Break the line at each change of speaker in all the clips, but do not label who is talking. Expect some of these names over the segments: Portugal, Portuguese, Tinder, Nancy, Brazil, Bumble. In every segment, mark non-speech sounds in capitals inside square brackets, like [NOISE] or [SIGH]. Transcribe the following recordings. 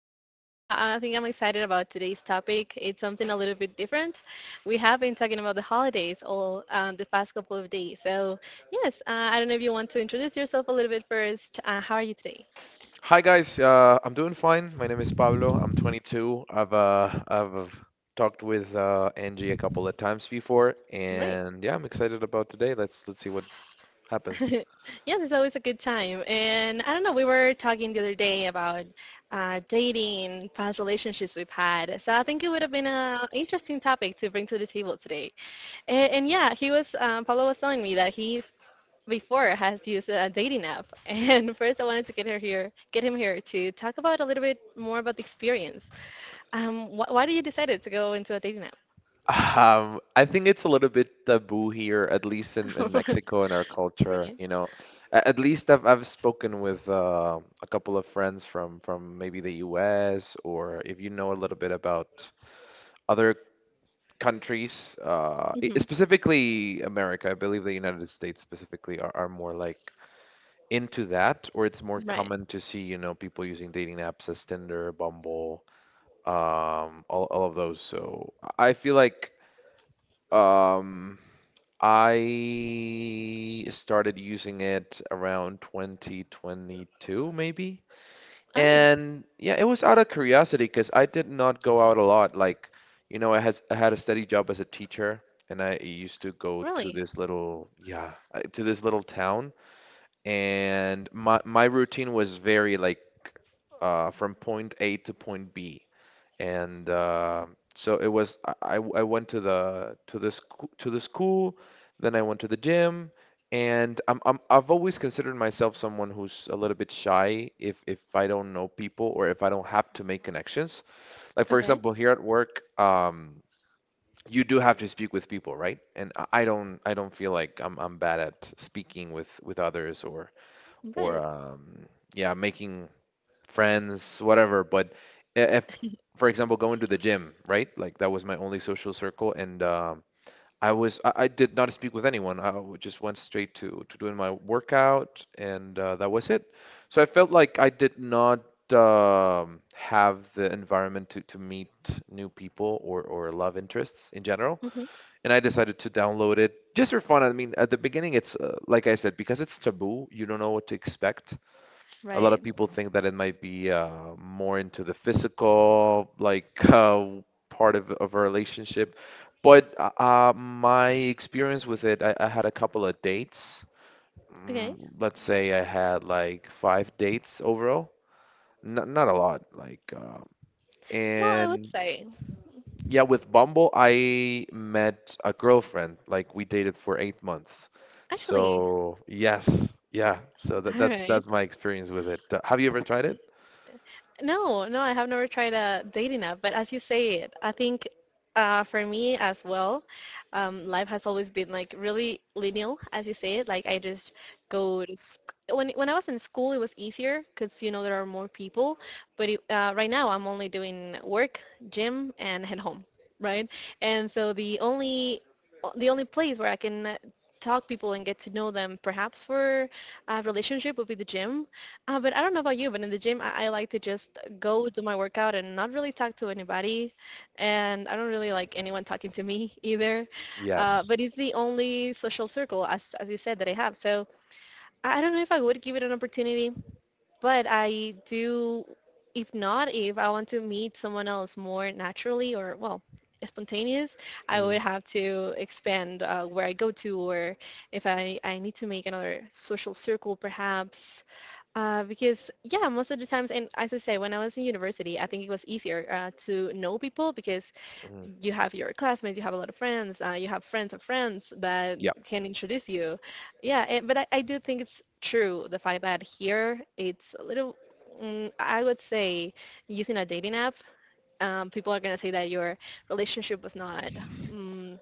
and I don't know, I think I'm excited about today's topic. It's something a little bit different. We have been talking about the holidays all the past couple of days. So yes, I don't know if you want to introduce yourself a little bit first. How are you today?
Hi guys, I'm doing fine. My name is Pablo. I'm 22. I've talked with Angie a couple of times before,
Right.
and yeah, I'm excited about today. Let's see what happens.
[LAUGHS] Yes, it's always a good time. And I don't know, we were talking the other day about dating, past relationships we've had. So I think it would have been an interesting topic to bring to the table today. And yeah, Paolo was telling me that he before has used a dating app. [LAUGHS] And first I wanted to get him here to talk about a little bit more about the experience. Why did you decided to go into a dating app?
I think it's a little bit taboo here, at least in
[LAUGHS]
Mexico and our culture.
Right.
You know, at least I've spoken with a couple of friends from maybe the U.S., or if you know a little bit about other countries,
Hmm.
specifically America. I believe the United States specifically are more like into that, or it's more
Right.
common to see, you know, people using dating apps as Tinder, Bumble, all of those. So I feel like um, I started using it around 2022, maybe.
All right.
And yeah, it was out of curiosity because I did not go out a lot. Like, you know, I had a steady job as a teacher, and I used to go to
Really?
this little yeah to this little town, and my routine was very from point A to point B, and so it was I went to the school, then I went to the gym. And I've always considered myself someone who's a little bit shy if I don't know people or if I don't have to make connections. Like for
Okay.
example, here at work, you do have to speak with people, right? And I don't feel like I'm bad at speaking with others or or
Right.
um, yeah, making friends, whatever. But if, for example, going to the gym, right? Like that was my only social circle, and I did not speak with anyone. Just went straight to doing my workout, and that was it. So I felt like I did not have the environment to meet new people or love interests in general,
Mm-hmm.
and I decided to download it. Just for fun, I mean, at the beginning, it's like I said, because it's taboo, you don't know what to expect. A lot of
Right.
people think that it might be more into the physical, like [LAUGHS] part of a relationship. But my experience with it, I had a couple of dates. Mm,
Okay.
let's say I had like five dates overall. Not a lot, like,
Well, I would
and
say,
Yeah, with Bumble, I met a girlfriend. Like, we dated for eight months.
actually.
So yes, yeah. So
[LAUGHS]
that,
All
that's
right.
that's my experience with it. Have you ever tried it?
No, no, I have never tried a dating app, but as you say it, I think for me as well, life has always been like really linear, as you say it. Like I just when I was in school, it was easier because there are more people. But right now, I'm only doing work, gym, and head home, right? And so the only place where I can talk people and get to know them perhaps for a relationship would be the gym, but I don't know about you, but in the gym I like to just go do my workout and not really talk to anybody, and I don't really like anyone talking to me [LAUGHS] either,
Yes.
but it's the only social circle, as you said, that I have. So I don't know if I would give it an opportunity, but I do, if not, if I want to meet someone else more naturally, or well, spontaneous, I
Mm,
would have to expand where I go to, or if I need to make another social circle perhaps, because yeah, most of the times, and as I say, when I was in university, I think it was easier to know people because
mm.
you have your classmates, you have a lot of friends, you have friends of friends that
Yep.
can introduce you. Yeah, but I do think it's true the fact that here it's a little, I would say, using a dating app, people are gonna say that your relationship was not. mm,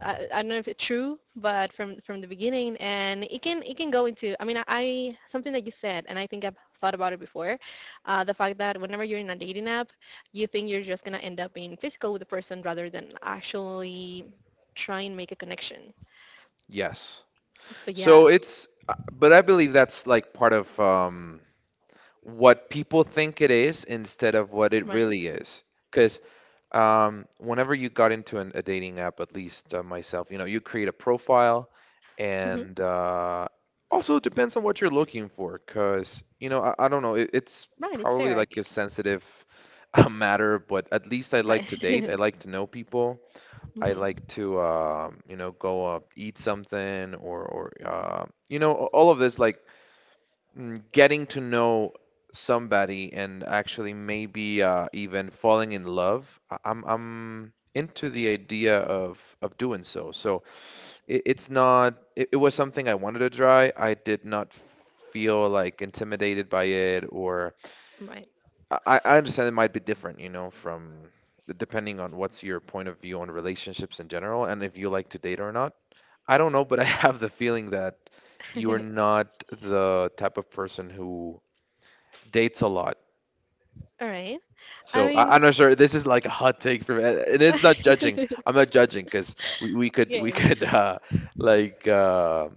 I don't know if it's true, but from the beginning, and it can go into. I mean, I something that you said, and I think I've thought about it before, the fact that whenever you're in a dating app, you think you're just gonna end up being physical with the person rather than actually try and make a connection.
Yes.
But
So
yeah.
it's, but I believe that's like part of what people think it is instead of what it
Right.
really is. Because Whenever you got into a dating app, at least myself, you know, you create a profile,
Hmm.
and also it depends on what you're looking for, because you know, I don't know, it's
Right, it's fair,
probably
I
like a
think.
sensitive [LAUGHS] matter, but at least I like to date.
Right.
I like to know people.
[LAUGHS]
I
Hmm.
like to, you know, go eat something, or you know, all of this like mm, getting to know somebody and actually maybe even falling in love. I'm into the idea of doing so. So it's not it was something I wanted to try. I did not feel like intimidated by it, or
Right.
I understand it might be different, you know, from depending on what's your point of view on relationships in general and if you like to date or not. I don't know, but I [LAUGHS] have the feeling that you are
[LAUGHS]
not the type of person who dates a lot.
All right. I
So
mean.
I'm not sure. This is like a hot take from, and
[LAUGHS]
it's not judging.
Okay.
I'm not judging because we could we [LAUGHS] could like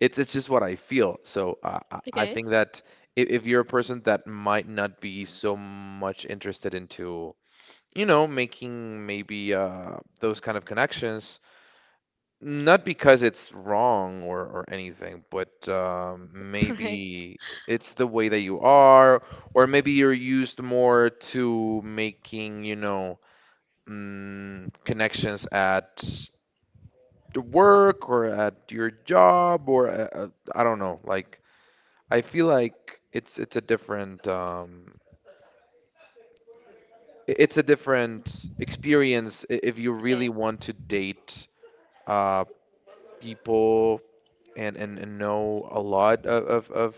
it's just what I feel. So I
Okay.
think that if you're a person that might not be so much interested into, you know, making maybe those kind of connections. Not because it's wrong, or anything, but
Right.
maybe it's the way that you are, or maybe you're used more to making, you know, mm, connections at the work or at your job or I don't know. Like I feel like it's a different it's a different experience if you
Okay.
really want to date uh, people, and know a lot of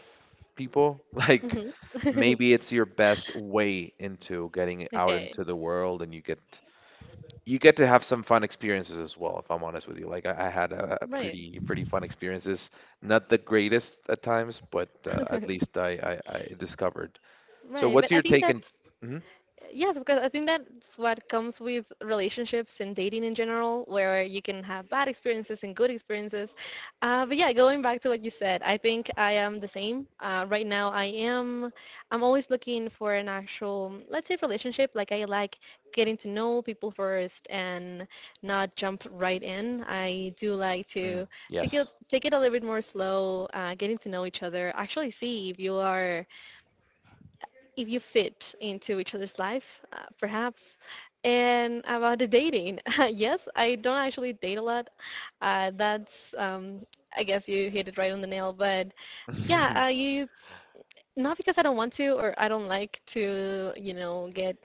people, [LAUGHS] like
Hmm.
maybe it's your best way into getting
[LAUGHS]
out
Okay.
into the world, and you get to have some fun experiences as well. If I'm honest with you, like I had a
Right.
pretty fun experiences, not the greatest at times, but at least I discovered. So
Right,
what's
but I
your
think
take in?
that's.
Mhm.
Yes, because I think that's what comes with relationships and dating in general, where you can have bad experiences and good experiences. But yeah, going back to what you said, I think I am the same. Right now, I am. I'm always looking for an actual, let's say, relationship. Like I like getting to know people first and not jump right in. I do like
Mm.
to take it
Yes. [LAUGHS]
take it a little bit more slow, getting to know each other. Actually, see if you fit into each other's life, perhaps. And about the dating, [LAUGHS] yes, I don't actually date a lot. Uh, that's, um, I guess you hit it right on the nail. But yeah, you not because I don't want to or I don't like to get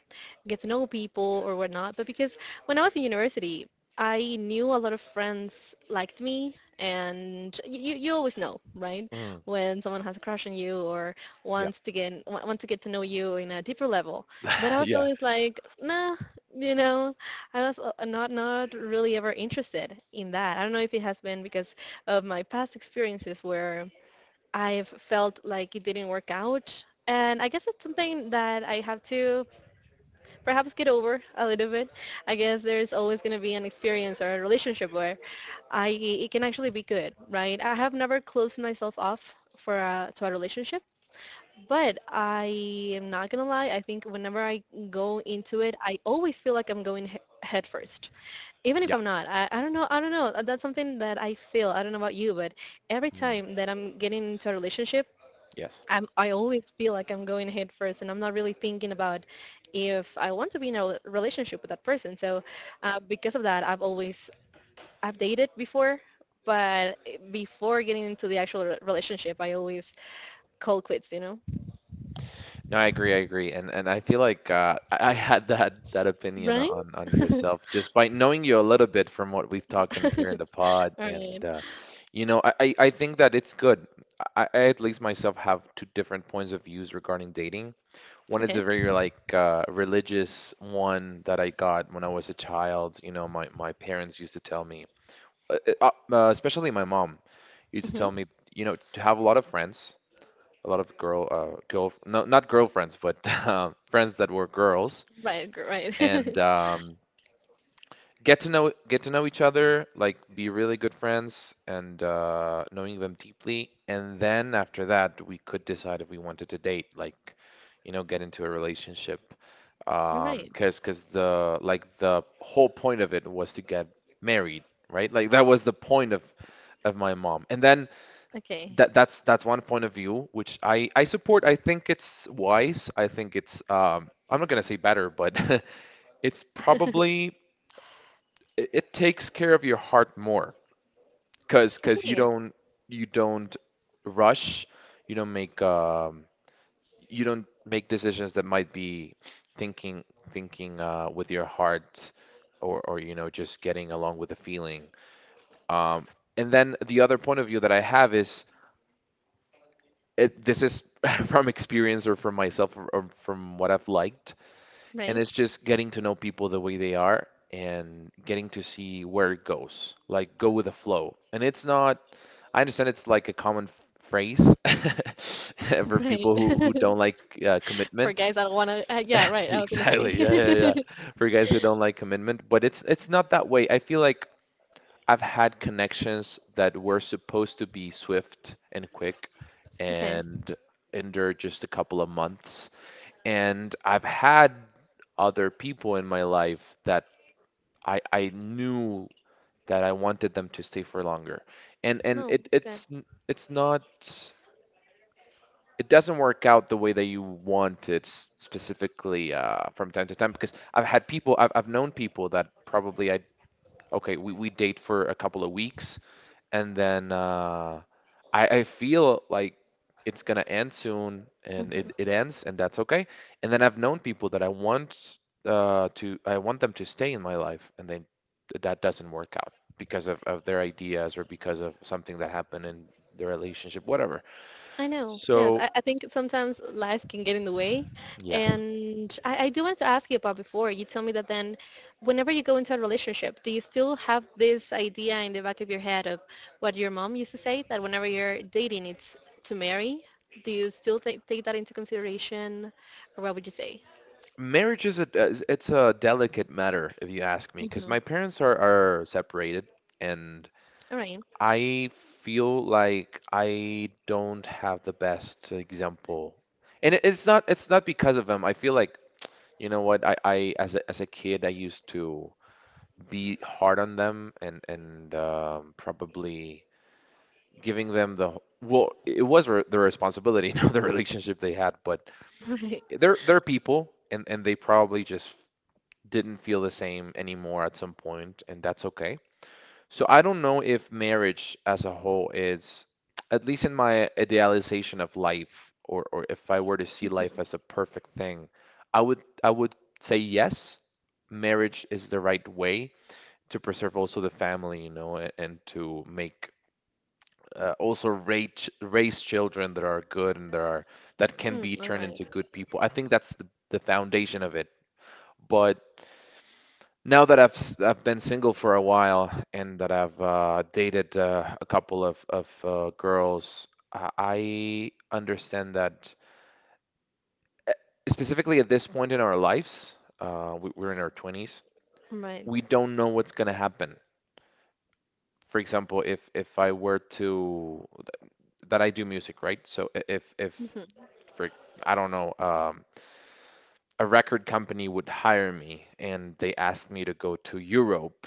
get to know people or whatnot, but because when I was in university, I knew a lot of friends liked me, and you always know, right?
Mhm.
When someone has a crush on you or
Yeah.
wants to get to know you in a deeper level. But I
[LAUGHS]
was
Yeah,
always like, nah, you know, I was not really ever interested in that. I don't know if it has been because of my past experiences where I've felt like it didn't work out. And I guess it's something that I have to perhaps get over a little bit. I guess there is always going to be an experience or a relationship where I it can actually be good, right? I have never closed myself off to a relationship, but I am not going to lie. I think whenever I go into it, I always feel like I'm going head first, even if
yeah.
I'm not. I don't know. I don't know. That's something that I feel. I don't know about you, but every
Mhm.
time that I'm getting into a relationship,
Yes.
I always feel like I'm going head first, and I'm not really thinking about if I want to be in a relationship with that person. So because of that, I've dated before, but before getting into the actual relationship, I always call quits. You know,
No, I agree. I agree, and I feel like I had that opinion
right?
on yourself just by knowing you a little bit from what we've talked in here in the pod,
All
and
right.
you know, I think that it's good. I at least myself have two different points of views regarding dating. One is
Okay.
a very religious one that I got when I was a child. You know, my parents used to tell me, especially my mom used to tell
Mm-hmm.
me, you know, to have a lot of friends, a lot of girl girl no not girlfriends, but [LAUGHS] friends that were girls,
Right.
and
Right.
get to know each other, like be really good friends and knowing them deeply, and then after that we could decide if we wanted to date, like, you know, get into a relationship.
[LAUGHS]
um
Right.
because the, like, the whole point of it was to get married, right? Like that was the point of my mom. And then
Okay.
that's that's one point of view, which I support. I think it's wise. I think it's I'm not gonna say better, but [LAUGHS] it's probably, it takes care of your heart more, because you
Okay.
don't, you don't rush, you don't make um you don't make decisions that might be thinking thinking with your heart, or, you know, just getting along with the feeling. Um and then the other point of view that I have is this is [LAUGHS] from experience or from myself, or from what I've liked. And
Right.
it's just getting to know people the way they are and getting to see where it goes, like go with the flow. And it's not, I understand it's like a common phrase [LAUGHS] for
Right.
people who don't
[LAUGHS]
like
For
commitment.
guys
[LAUGHS]
that want to, yeah. Right. I was gonna say.
Exactly. Yeah, yeah, yeah.
[LAUGHS]
For guys who don't like commitment, but it's not that way. I feel like I've had connections that were supposed to be swift and quick
Okay.
and endure just a couple of months. And I've had other people in my life that I knew that I wanted them to stay for longer. And
No. Okay.
it's it's not, it doesn't work out the way that you want it specifically from time to time, because I've had people, I've known people that probably I, okay, we date for a couple of weeks, and then I feel like it's gonna end soon, and
Mhm.
it ends, and that's okay. And then I've known people that I want them to stay in my life, and then that doesn't work out because of their ideas or because of something that happened in the relationship, whatever.
I know. Yes,
So
I think sometimes life can get in the way.
yes.
And I do want to ask you about before. You tell me that then whenever you go into a relationship, do you still have this idea in the back of your head of what your mom used to say, that whenever you're dating, it's to marry? Do you still take that into consideration? Or what would you say?
Marriage is it's a delicate matter, if you ask me, because
Mm-hmm.
my parents are separated, and
All right.
I feel like I don't have the best example. And it's not, it's not because of them. I feel like, you know what, I, as as a kid, I used to be hard on them and probably giving them the, well, it was re their responsibility, [LAUGHS] not the relationship they had, but
[LAUGHS] Right.
they're people, and they probably just didn't feel the same anymore at some point, and that's okay. So I don't know if marriage as a whole is, at least in my idealization of life, or if I were to see life as a perfect thing, I would say yes, marriage is the right way to preserve also the family, you know, and to make also raise children that are good and that are that can be
Mm, all
turned
right.
into good people. I think that's the foundation of it. But. Now that I've been single for a while and that I've dated a couple of girls, I understand that specifically at this point in our lives, we're in our 20s.
Right.
We don't know what's gonna happen. For example, if I were to that I do music, right? So I- if
Mm-hmm.
for I don't know, a record company would hire me and they asked me to go to Europe,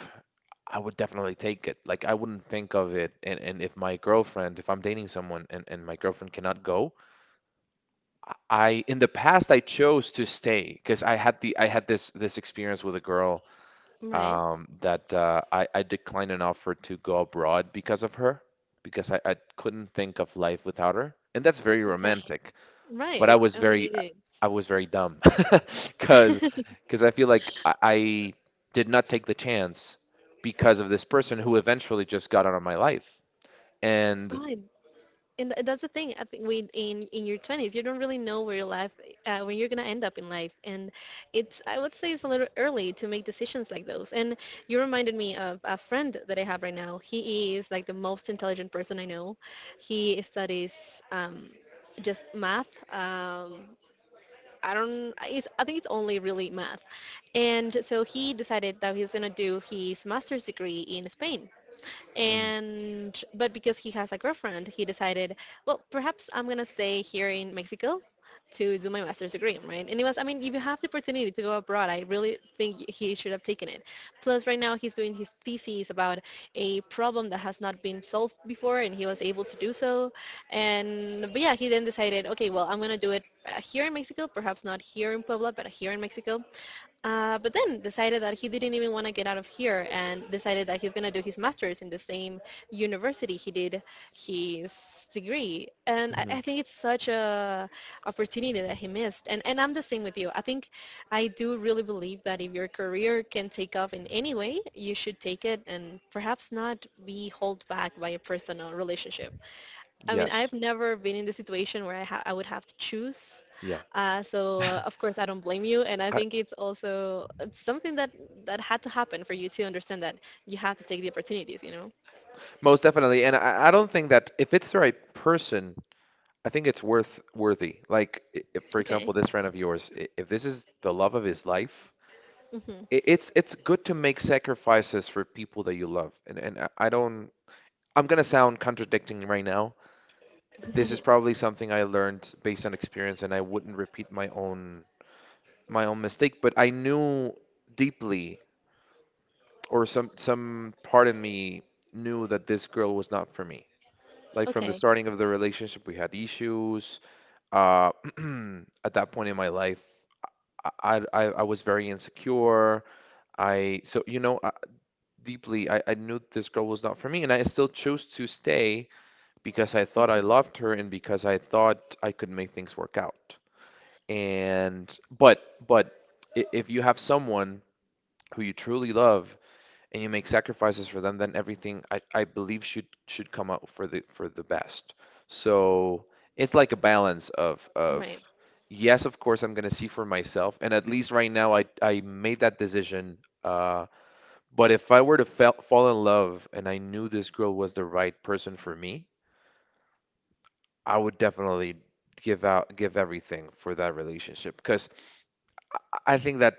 I would definitely take it. Like I wouldn't think of it. And if my girlfriend, if I'm dating someone and my girlfriend cannot go, in the past I chose to stay because I had the I had this experience with a girl
Right.
that I declined an offer to go abroad because of her because I couldn't think of life without her. And that's very
Okay.
romantic, but
Right. I mean, it is.
I was very dumb [LAUGHS] because because I feel like I did not take the chance because of this person who eventually just got out of my life. And
Right. And that's the thing. I think with in your 20s you don't really know where your life, when you're going to end up in life, and it's, I would say, it's a little early to make decisions like those. And you reminded me of a friend that I have right now. He is like the most intelligent person I know. He studies, um, just math. I don't it's, I think it's only really math. And so he decided that he's going to do his master's degree in Spain.
Mm,
And But because he has a girlfriend, he decided, well, perhaps I'm going to stay here in Mexico to do my master's degree, right? And it was, I mean, if you have the opportunity to go abroad, I really think he should have taken it. Plus right now he's doing his thesis about a problem that has not been solved before, and he was able to do so. And But yeah, he then decided, okay, well, I'm going to do it, here in Mexico, perhaps not here in Puebla, but here in Mexico. But then decided that he didn't even want to get out of here and decided that he's going to do his master's in the same university he did his degree. And I,
mhm.
I think it's such a opportunity that he missed. And I'm the same with you. I think I do really believe that if your career can take off in any way, you should take it and perhaps not be held back by a personal relationship. I mean, I've
yes,
never been in the situation where I would have to choose.
yeah,
So of course, I don't blame you, and I
I,
think it's also, it's something that had to happen for you to understand that you have to take the opportunities. You know?
most definitely. And I don't think that if it's the right person, I think it's worth worthy. Like, if, for
Okay.
example, this friend of yours, if this is the love of his life,
Hmm.
it's good to make sacrifices for people that you love. And I don't, I'm gonna sound contradicting right now. This is probably something I learned based on experience, and I wouldn't repeat my own mistake. But I knew deeply, or some part in me knew that this girl was not for me.
[LAUGHS]
Like from the
Okay.
starting of the relationship, we had issues. Uh, [CLEARS THROAT] at that point in my life, I was very insecure. I, so you know, deeply I knew this girl was not for me, and I still chose to stay because I thought I
Hmm.
loved her and because I thought I could make things work out. And but but if you have someone who you truly love and you make sacrifices for them, then everything I believe should come out for the best. So it's like a balance of
Right.
yes, of course I'm gonna see for myself, and at least right now I made that decision. Uh, but if I were fall in love and I knew this girl was the right person for me, I would definitely give everything for that relationship, because I I think that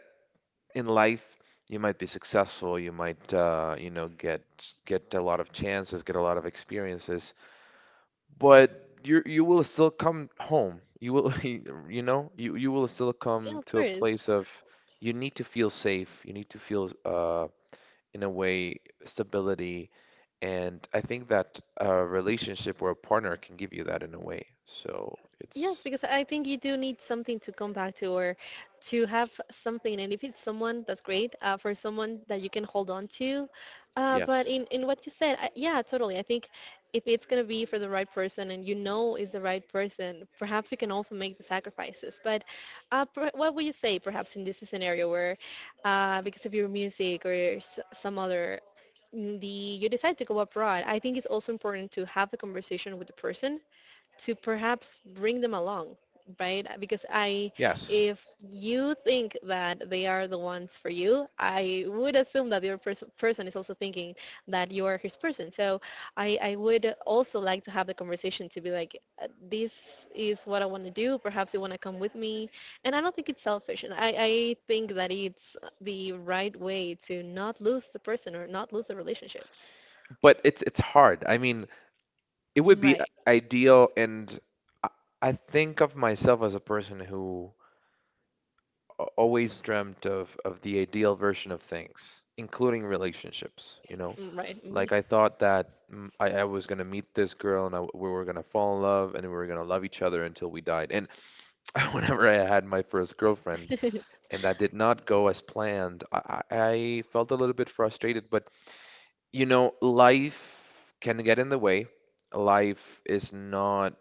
in life, you might be successful, you might you know, get a lot of chances, get a lot of experiences, but you will still come home. You will [LAUGHS] you know you you will still
Yeah,
come
of
to a
course.
place of you need to feel safe. You need to feel in a way stability, and I think that a relationship or a partner can give you that in a way. So
Yes,
it's
because I think you do need something to come back to or to have something. And if it's someone, that's great. For someone that you can hold on to. But
yes,
in what you said, yeah, totally. I think if it's going to be for the right person and you know is the right person, perhaps you can also make the sacrifices. But what would you say perhaps in this scenario where because of your music or some other mm, the you decide to go abroad? I think it's also important to have the conversation with the person to perhaps bring them along, right? Because I
yes,
if you think that they are the ones for you, I would assume that your other person is also thinking that you are his person. So I would also like to have the conversation to be like, this is what I want to do, perhaps you want to come with me. And I don't think it's selfish, and I think that it's the right way to not lose the person or not lose the relationship.
but it's hard. I mean, it would be
Right.
ideal, and I I think of myself as a person who always dreamt of the ideal version of things, including relationships, you know?
Mm, right.
Like
Me.
I thought that I was gonna meet this girl and we were gonna fall in love and we were gonna love each other until we died. And [LAUGHS] whenever I had my first girlfriend
[LAUGHS]
and that did not go as planned, I felt a little bit frustrated, but you know, life can get in the way. Life is not,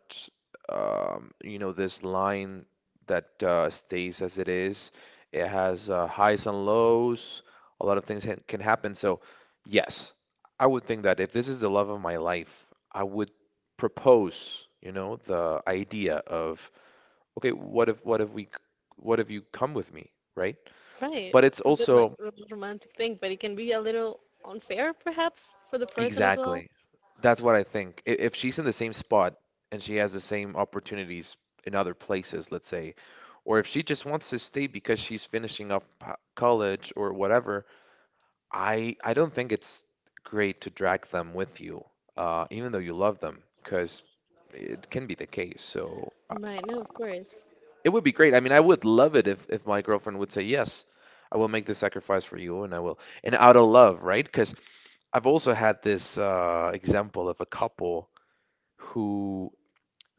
you know, this line that stays as it is. It has highs and lows. A lot of things ha can happen. So yes, I would think that if this is the love of my life, I would propose, you know, the idea of, okay, what if, what if you come with me, right?
Right.
But it's
Is it like
also,
romantic thing, but it can be a little unfair perhaps for the person as well?
exactly. That's what I think. If she's in the same spot and she has the same opportunities in other places, let's say, or if she just wants to stay because she's finishing up college or whatever, I don't think it's great to drag them with you, even though you love them, because it can be the case. So
Right, no, of course.
it would be great. I mean, I would love it if my girlfriend would say yes. I will make the sacrifice for you, and I will, and out of love, right? Because I've also had this example of a couple who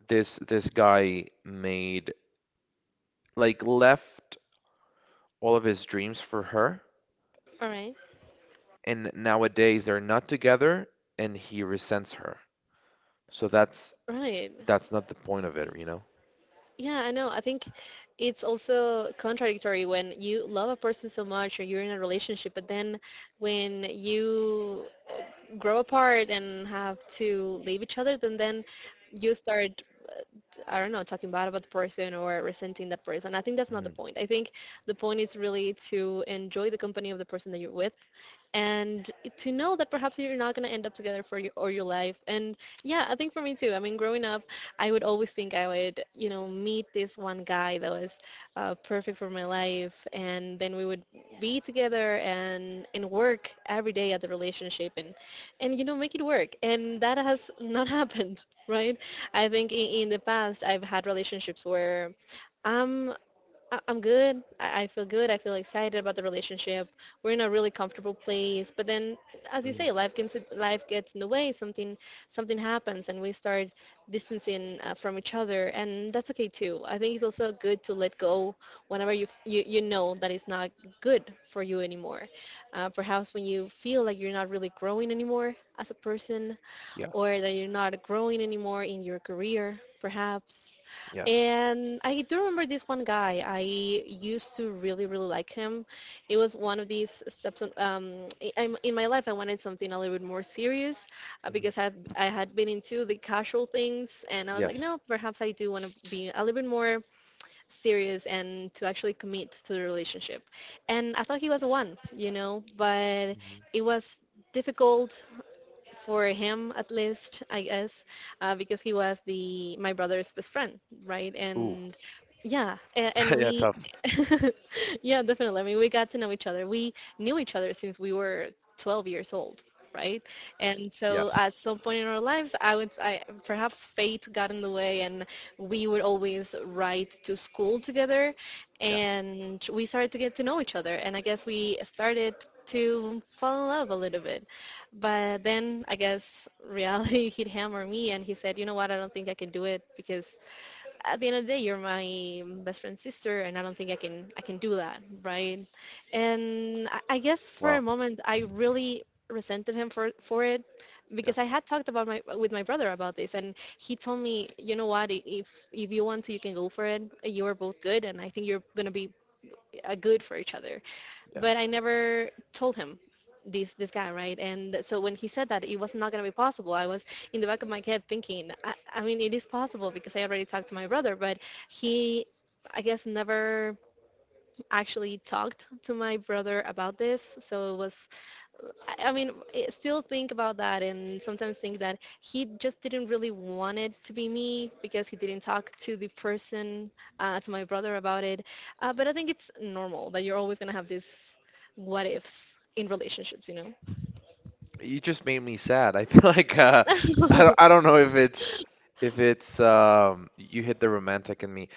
this guy made like left all of his dreams for her,
All right.
and nowadays they're not together, and he resents her. So
Right.
that's not the point of it, you know?
Yeah, I know. I think it's also contradictory when you love a person so much or you're in a relationship, but then when you grow apart and have to leave each other, then you start, uh, I don't know, talking bad about the person or resenting that person. I think that's not the
hmm
point. I think the point is really to enjoy the company of the person that you're with and to know that perhaps you're not going to end up together for your or your life. And yeah, I think for me too. I mean, growing up I would always think I would meet this one guy that was perfect for my life, and then we would be together, and work every day at the relationship, and make it work, and that has not [LAUGHS] happened, right? I think in the past I've had relationships where I'm I'm good. I feel good. I feel excited about the relationship. We're in a really comfortable place. But then, as you
hmm
say, life gets in the way. Something happens, and we start distancing, from each other, and that's okay too. I think it's also good to let go whenever you know that it's not good for you anymore. Perhaps when you feel like you're not really growing anymore as a person,
Yeah.
or that you're not growing anymore in your career, perhaps.
Yes.
And I do remember this one guy. I used to really, really like him. It was one of these steps in my life. I wanted something a little bit more serious,
hmm
because I had been into the casual things, and I was like,
Yes.
no, perhaps I do want to be a little bit more serious and to actually commit to the relationship. And I thought he was the one, you know, but
hmm
it was difficult for him, at least, I guess, because he was the my brother's best friend, right?
Ooh.
And yeah, and
[LAUGHS] Yeah.
we,
Tough.
[LAUGHS] yeah, definitely. I mean, we got to know each other. We knew each other since we were 12 years old, right? And so
Yes.
at some point in our lives, perhaps fate got in the way, and we would always ride to school together,
Yeah.
and we started to get to know each other. And I guess we started to fall in love a little bit. But then I guess reality [LAUGHS] hit him, or me, and he said, you know what, I don't think I can do it, because at the end of the day you're my best friend's sister, and I don't think I can do that, right? And I guess for a
Wow.
moment I really resented him for it,
Yeah.
because I had talked about my with my brother about this, and he told me, you know what, if you want to, you can go for it. You are both good, and I think you're gonna be good for each other, but
Yes.
I never told him this guy, right? And so when he said that it was not going to be possible, I was in the back of my head thinking, I mean it is possible because I already talked to my brother. But he, I guess, never actually talked to my brother about this. So it was, I mean, I still think about that and sometimes think that he just didn't really want it to be me because he didn't talk to the person, to my brother about it. But I think it's normal that you're always going to have these what ifs in relationships, you know?
You just made me sad. I [LAUGHS] feel like I
[LAUGHS]
don't know if it's you hit the romantic in me.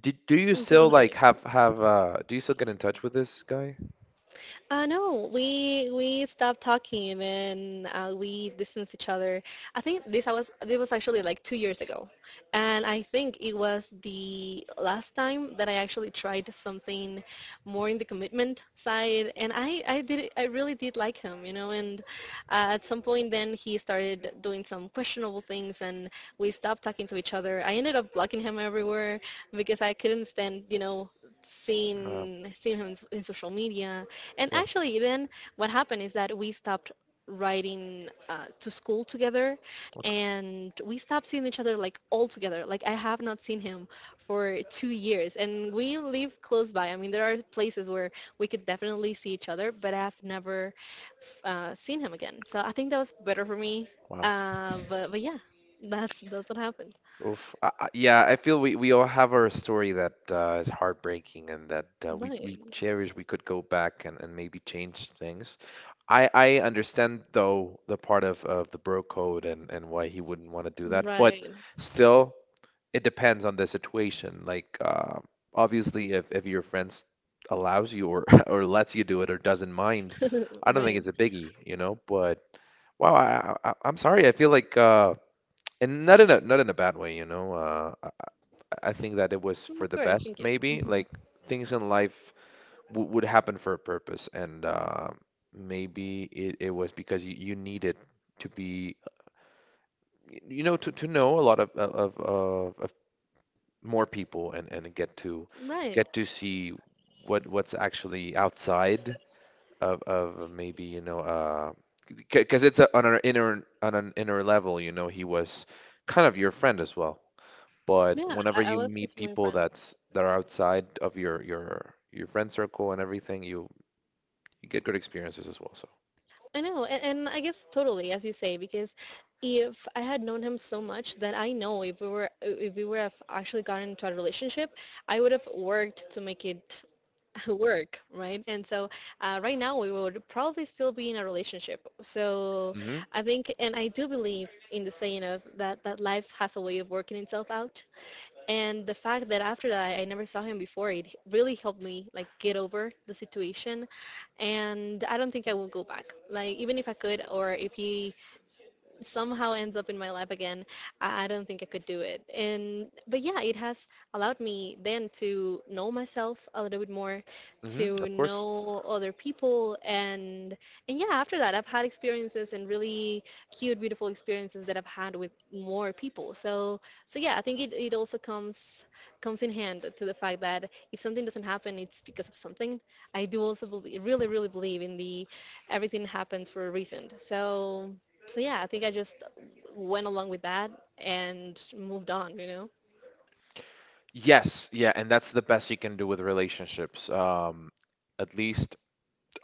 Do you still
But
like have do you still get in touch with this guy?
No, we stopped talking, and we distanced each other. I think this was actually like 2 years ago, and I think it was the last time that I actually tried something more in the commitment side, and I really did like him, you know. And at some point, then he started doing some questionable things, and we stopped talking to each other. I ended up blocking him everywhere because I couldn't stand,
Uh,
seeing him in in social media. And
yeah.
actually, then what happened is that we stopped riding, to school together, and we stopped seeing each other, like, all together. Like, I have not seen him for 2 years, and we live close by. I mean, there are places where we could definitely see each other, but I've never seen him again. So I think that was better for me.
Wow.
But yeah, that's what happened.
Oof. Yeah, I feel we all have our story that is heartbreaking and that
Right,
we cherish. We could go back and maybe change things. I understand though the part of the bro code and why he wouldn't want to do that, but
right,
still. It depends on the situation. Like, obviously, if your friends allows you or [LAUGHS] or lets you do it or doesn't mind,
[LAUGHS]
I don't think
right.
it's a biggie, you know. But wow, I'm sorry. I feel like and not in a not in a bad way, you know. I think that it was
Mm, of
for the
course, thank
best,
you.
maybe.
Hmm.
Like things in life w would happen for a purpose, and maybe it was because you needed to be, you know, to know a lot of more people and
Right.
get to see what's actually outside of maybe you know because it's a, on an inner level you know he was kind of your friend as well, but
Yeah,
whenever
I
you
was
meet
just my
people
friend.
that's that are outside of your friend circle and everything, you get good experiences as well. So
I know, and I guess, totally, as you say, because if I had known him so much that I know, if we would have actually gotten into a relationship, I would have worked to make it [LAUGHS] work, right? And so, right now we would probably still be in a relationship. So
hmm
I think, and I do believe in the saying of that, that life has a way of working itself out. And the fact that after that I never saw him before, it really helped me, like, get over the situation. And I don't think I will go back. Like, even if I could, or if he somehow ends up in my life again, I don't think I could do it. And but yeah, it has allowed me then to know myself a little bit more, to
of course.
know other people, and yeah, after that, I've had experiences, and really cute, beautiful experiences that I've had with more people. So, so yeah, I think it also comes in hand to the fact that if something doesn't happen, it's because of something. I do also believe, really, really believe in the everything happens for a reason. So, so yeah, I think I just went along with that and moved on.
Yes, yeah, and that's the best you can do with relationships. At least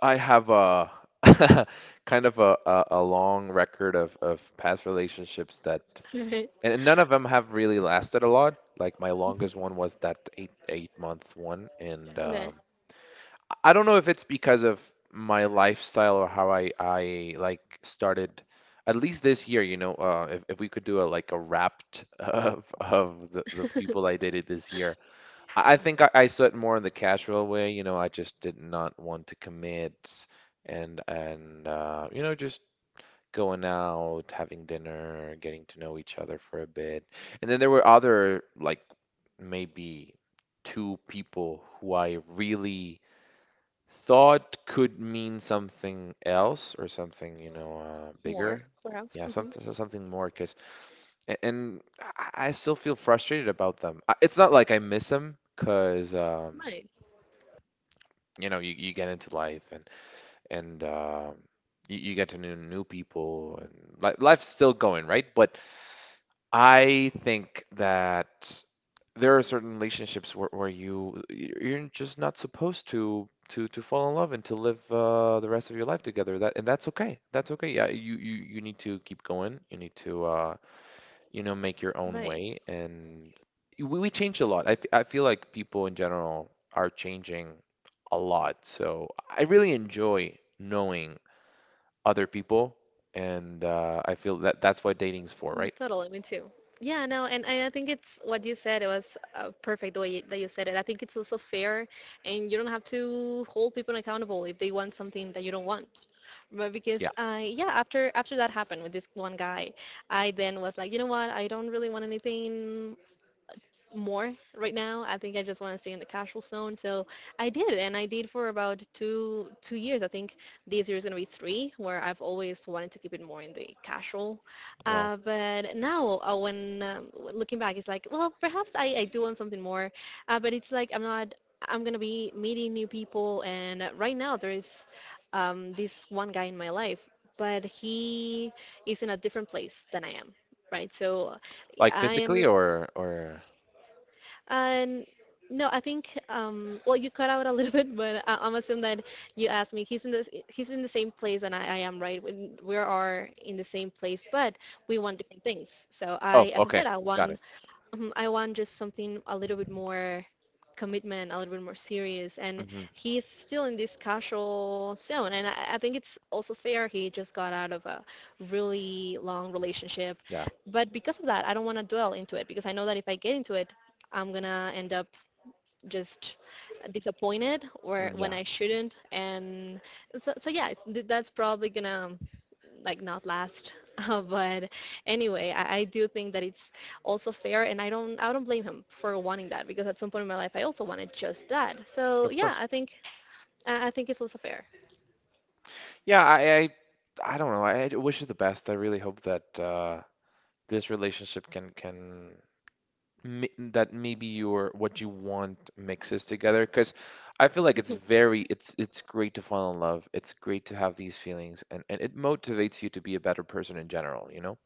I have a [LAUGHS] kind of a long record of past relationships that,
[LAUGHS] Right.
and none of them have really lasted a lot. Like my
Mhm.
longest one was that eight month one, and
Okay.
I don't know if it's because of my lifestyle or how I like started. At least this year, you know, if we could do a like a wrapped [LAUGHS] of the people I dated this year, I think I saw it more in the casual way. You know, I just did not want to commit and you know, just going out, having dinner, getting to know each other for a bit. And then there were other like maybe two people who I really thought could mean something else or something, you know,
More
bigger.
perhaps.
Yeah,
Hmm.
something more, because and I I still feel frustrated about them. It's not like I miss them, because
Right.
you know you get into life and you get to know new people and li life's still going, right. But I think that there are certain relationships where you you're just not supposed to to fall in love and to live the rest of your life together. That and that's okay, that's okay. Yeah, you need to keep going, you need to you know, make your own
Right.
way. And we change a lot. I feel like people in general are changing a lot. So I really enjoy knowing other people. And I feel that that's what dating's for,
That's
right?
totally me too. Yeah, no, and I think it's what you said. It was, perfect the way you, that you said it. I think it's also fair, and you don't have to hold people accountable if they want something that you don't want. But because,
Yeah.
I, yeah, after that happened with this one guy, I then was like, you know what? I don't really want anything more right now. I think I just want to stay in the casual zone. So I did, and I did for about two two years. I think this year is going to be three, where I've always wanted to keep it more in the casual.
Well,
But now, when looking back, it's like, well, perhaps I do want something more, but it's like I'm not. I'm going to be meeting new people, and right now there is, this one guy in my life, but he is in a different place than I am, right? So
like
I
physically
am,
or,
and no, I think, well, you cut out a little [LAUGHS] bit, but I, I'm assuming that you asked me. He's in the same place, and I am, right. We are in the same place, but we want different things. So
oh,
I, as I
okay.
said, I
Got
want,
it.
Mhm, I want just something a little bit more commitment, a little bit more serious. And
hmm
he's still in this casual zone. And I think it's also fair. He just got out of a really long relationship.
Yeah.
But because of that, I don't want to dwell into it, because I know that if I get into it, I'm going to end up just disappointed, or when
Yeah.
I shouldn't. And so, so yeah, it's, that's probably going to, like, not last. [LAUGHS] But anyway, I do think that it's also fair, and I don't blame him for wanting that, because at some point in my life I also wanted just that. So
Of
yeah,
course.
I think I think it's also fair.
Yeah. I don't know. I wish you the best. I really hope that, this relationship can, that maybe your what you want mixes together, because I feel like it's
[LAUGHS]
very it's great to fall in love. It's great to have these feelings and it motivates you to be a better person in general, you know?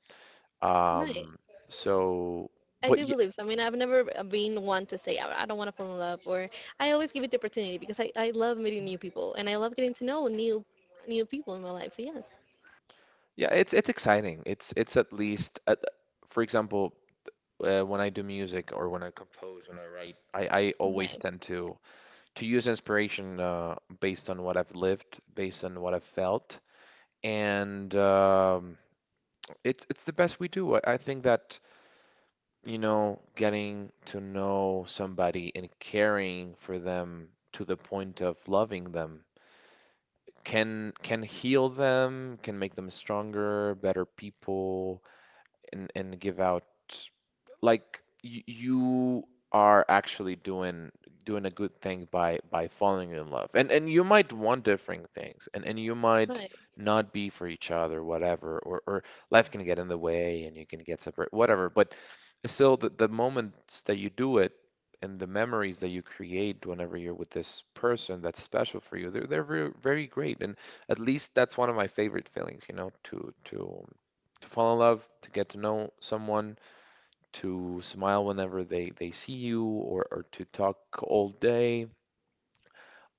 Right.
Um so
I
but
do
yeah,
believe so. I mean, I've never been one to say, I don't want to fall in love, or I always give it the opportunity, because I love meeting new people, and I love getting to know new people in my life. So yes,
yeah, it's exciting. It's at least at, for example, when I do music or when I compose, when I write, I always
right,
tend to use inspiration based on what I've lived, based on what I've felt, and it's the best we do. I think that, you know, getting to know somebody and caring for them to the point of loving them can heal them, can make them stronger, better people, and give out like y you are actually doing doing a good thing by falling in love. And you might want different things and you might
right,
not be for each other, whatever, or life can get in the way and you can get separate, whatever. But still the moments that you do it and the memories that you create whenever you're with this person that's special for you, they're very, very great. And at least that's one of my favorite feelings, you know, to fall in love, to get to know someone, to smile whenever they see you or to talk all day.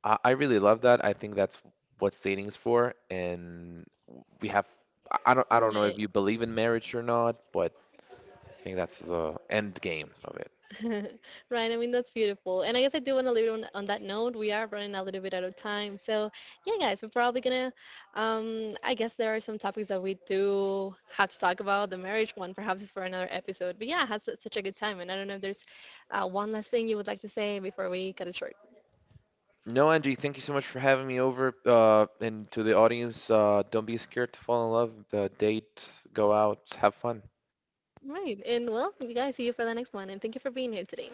I really love that. I think that's what dating's for. And we have, I don't know if
right.
you believe in marriage or not, but I think that's the end game of it.
[LAUGHS] Right, I mean that's beautiful. And I guess I do want to leave it on that note. We are running a little bit out of time. So yeah guys, we're probably gonna, I guess there are some topics that we do have to talk about. The marriage one perhaps is for another episode. But yeah, I had such a good time, and I don't know if there's one last thing you would like to say before we cut it short.
No, Angie, thank you so much for having me over. And to the audience, don't be scared to fall in love. Date, go out, have fun.
Right. And well, you guys, see you for the next one, and thank you for being here today.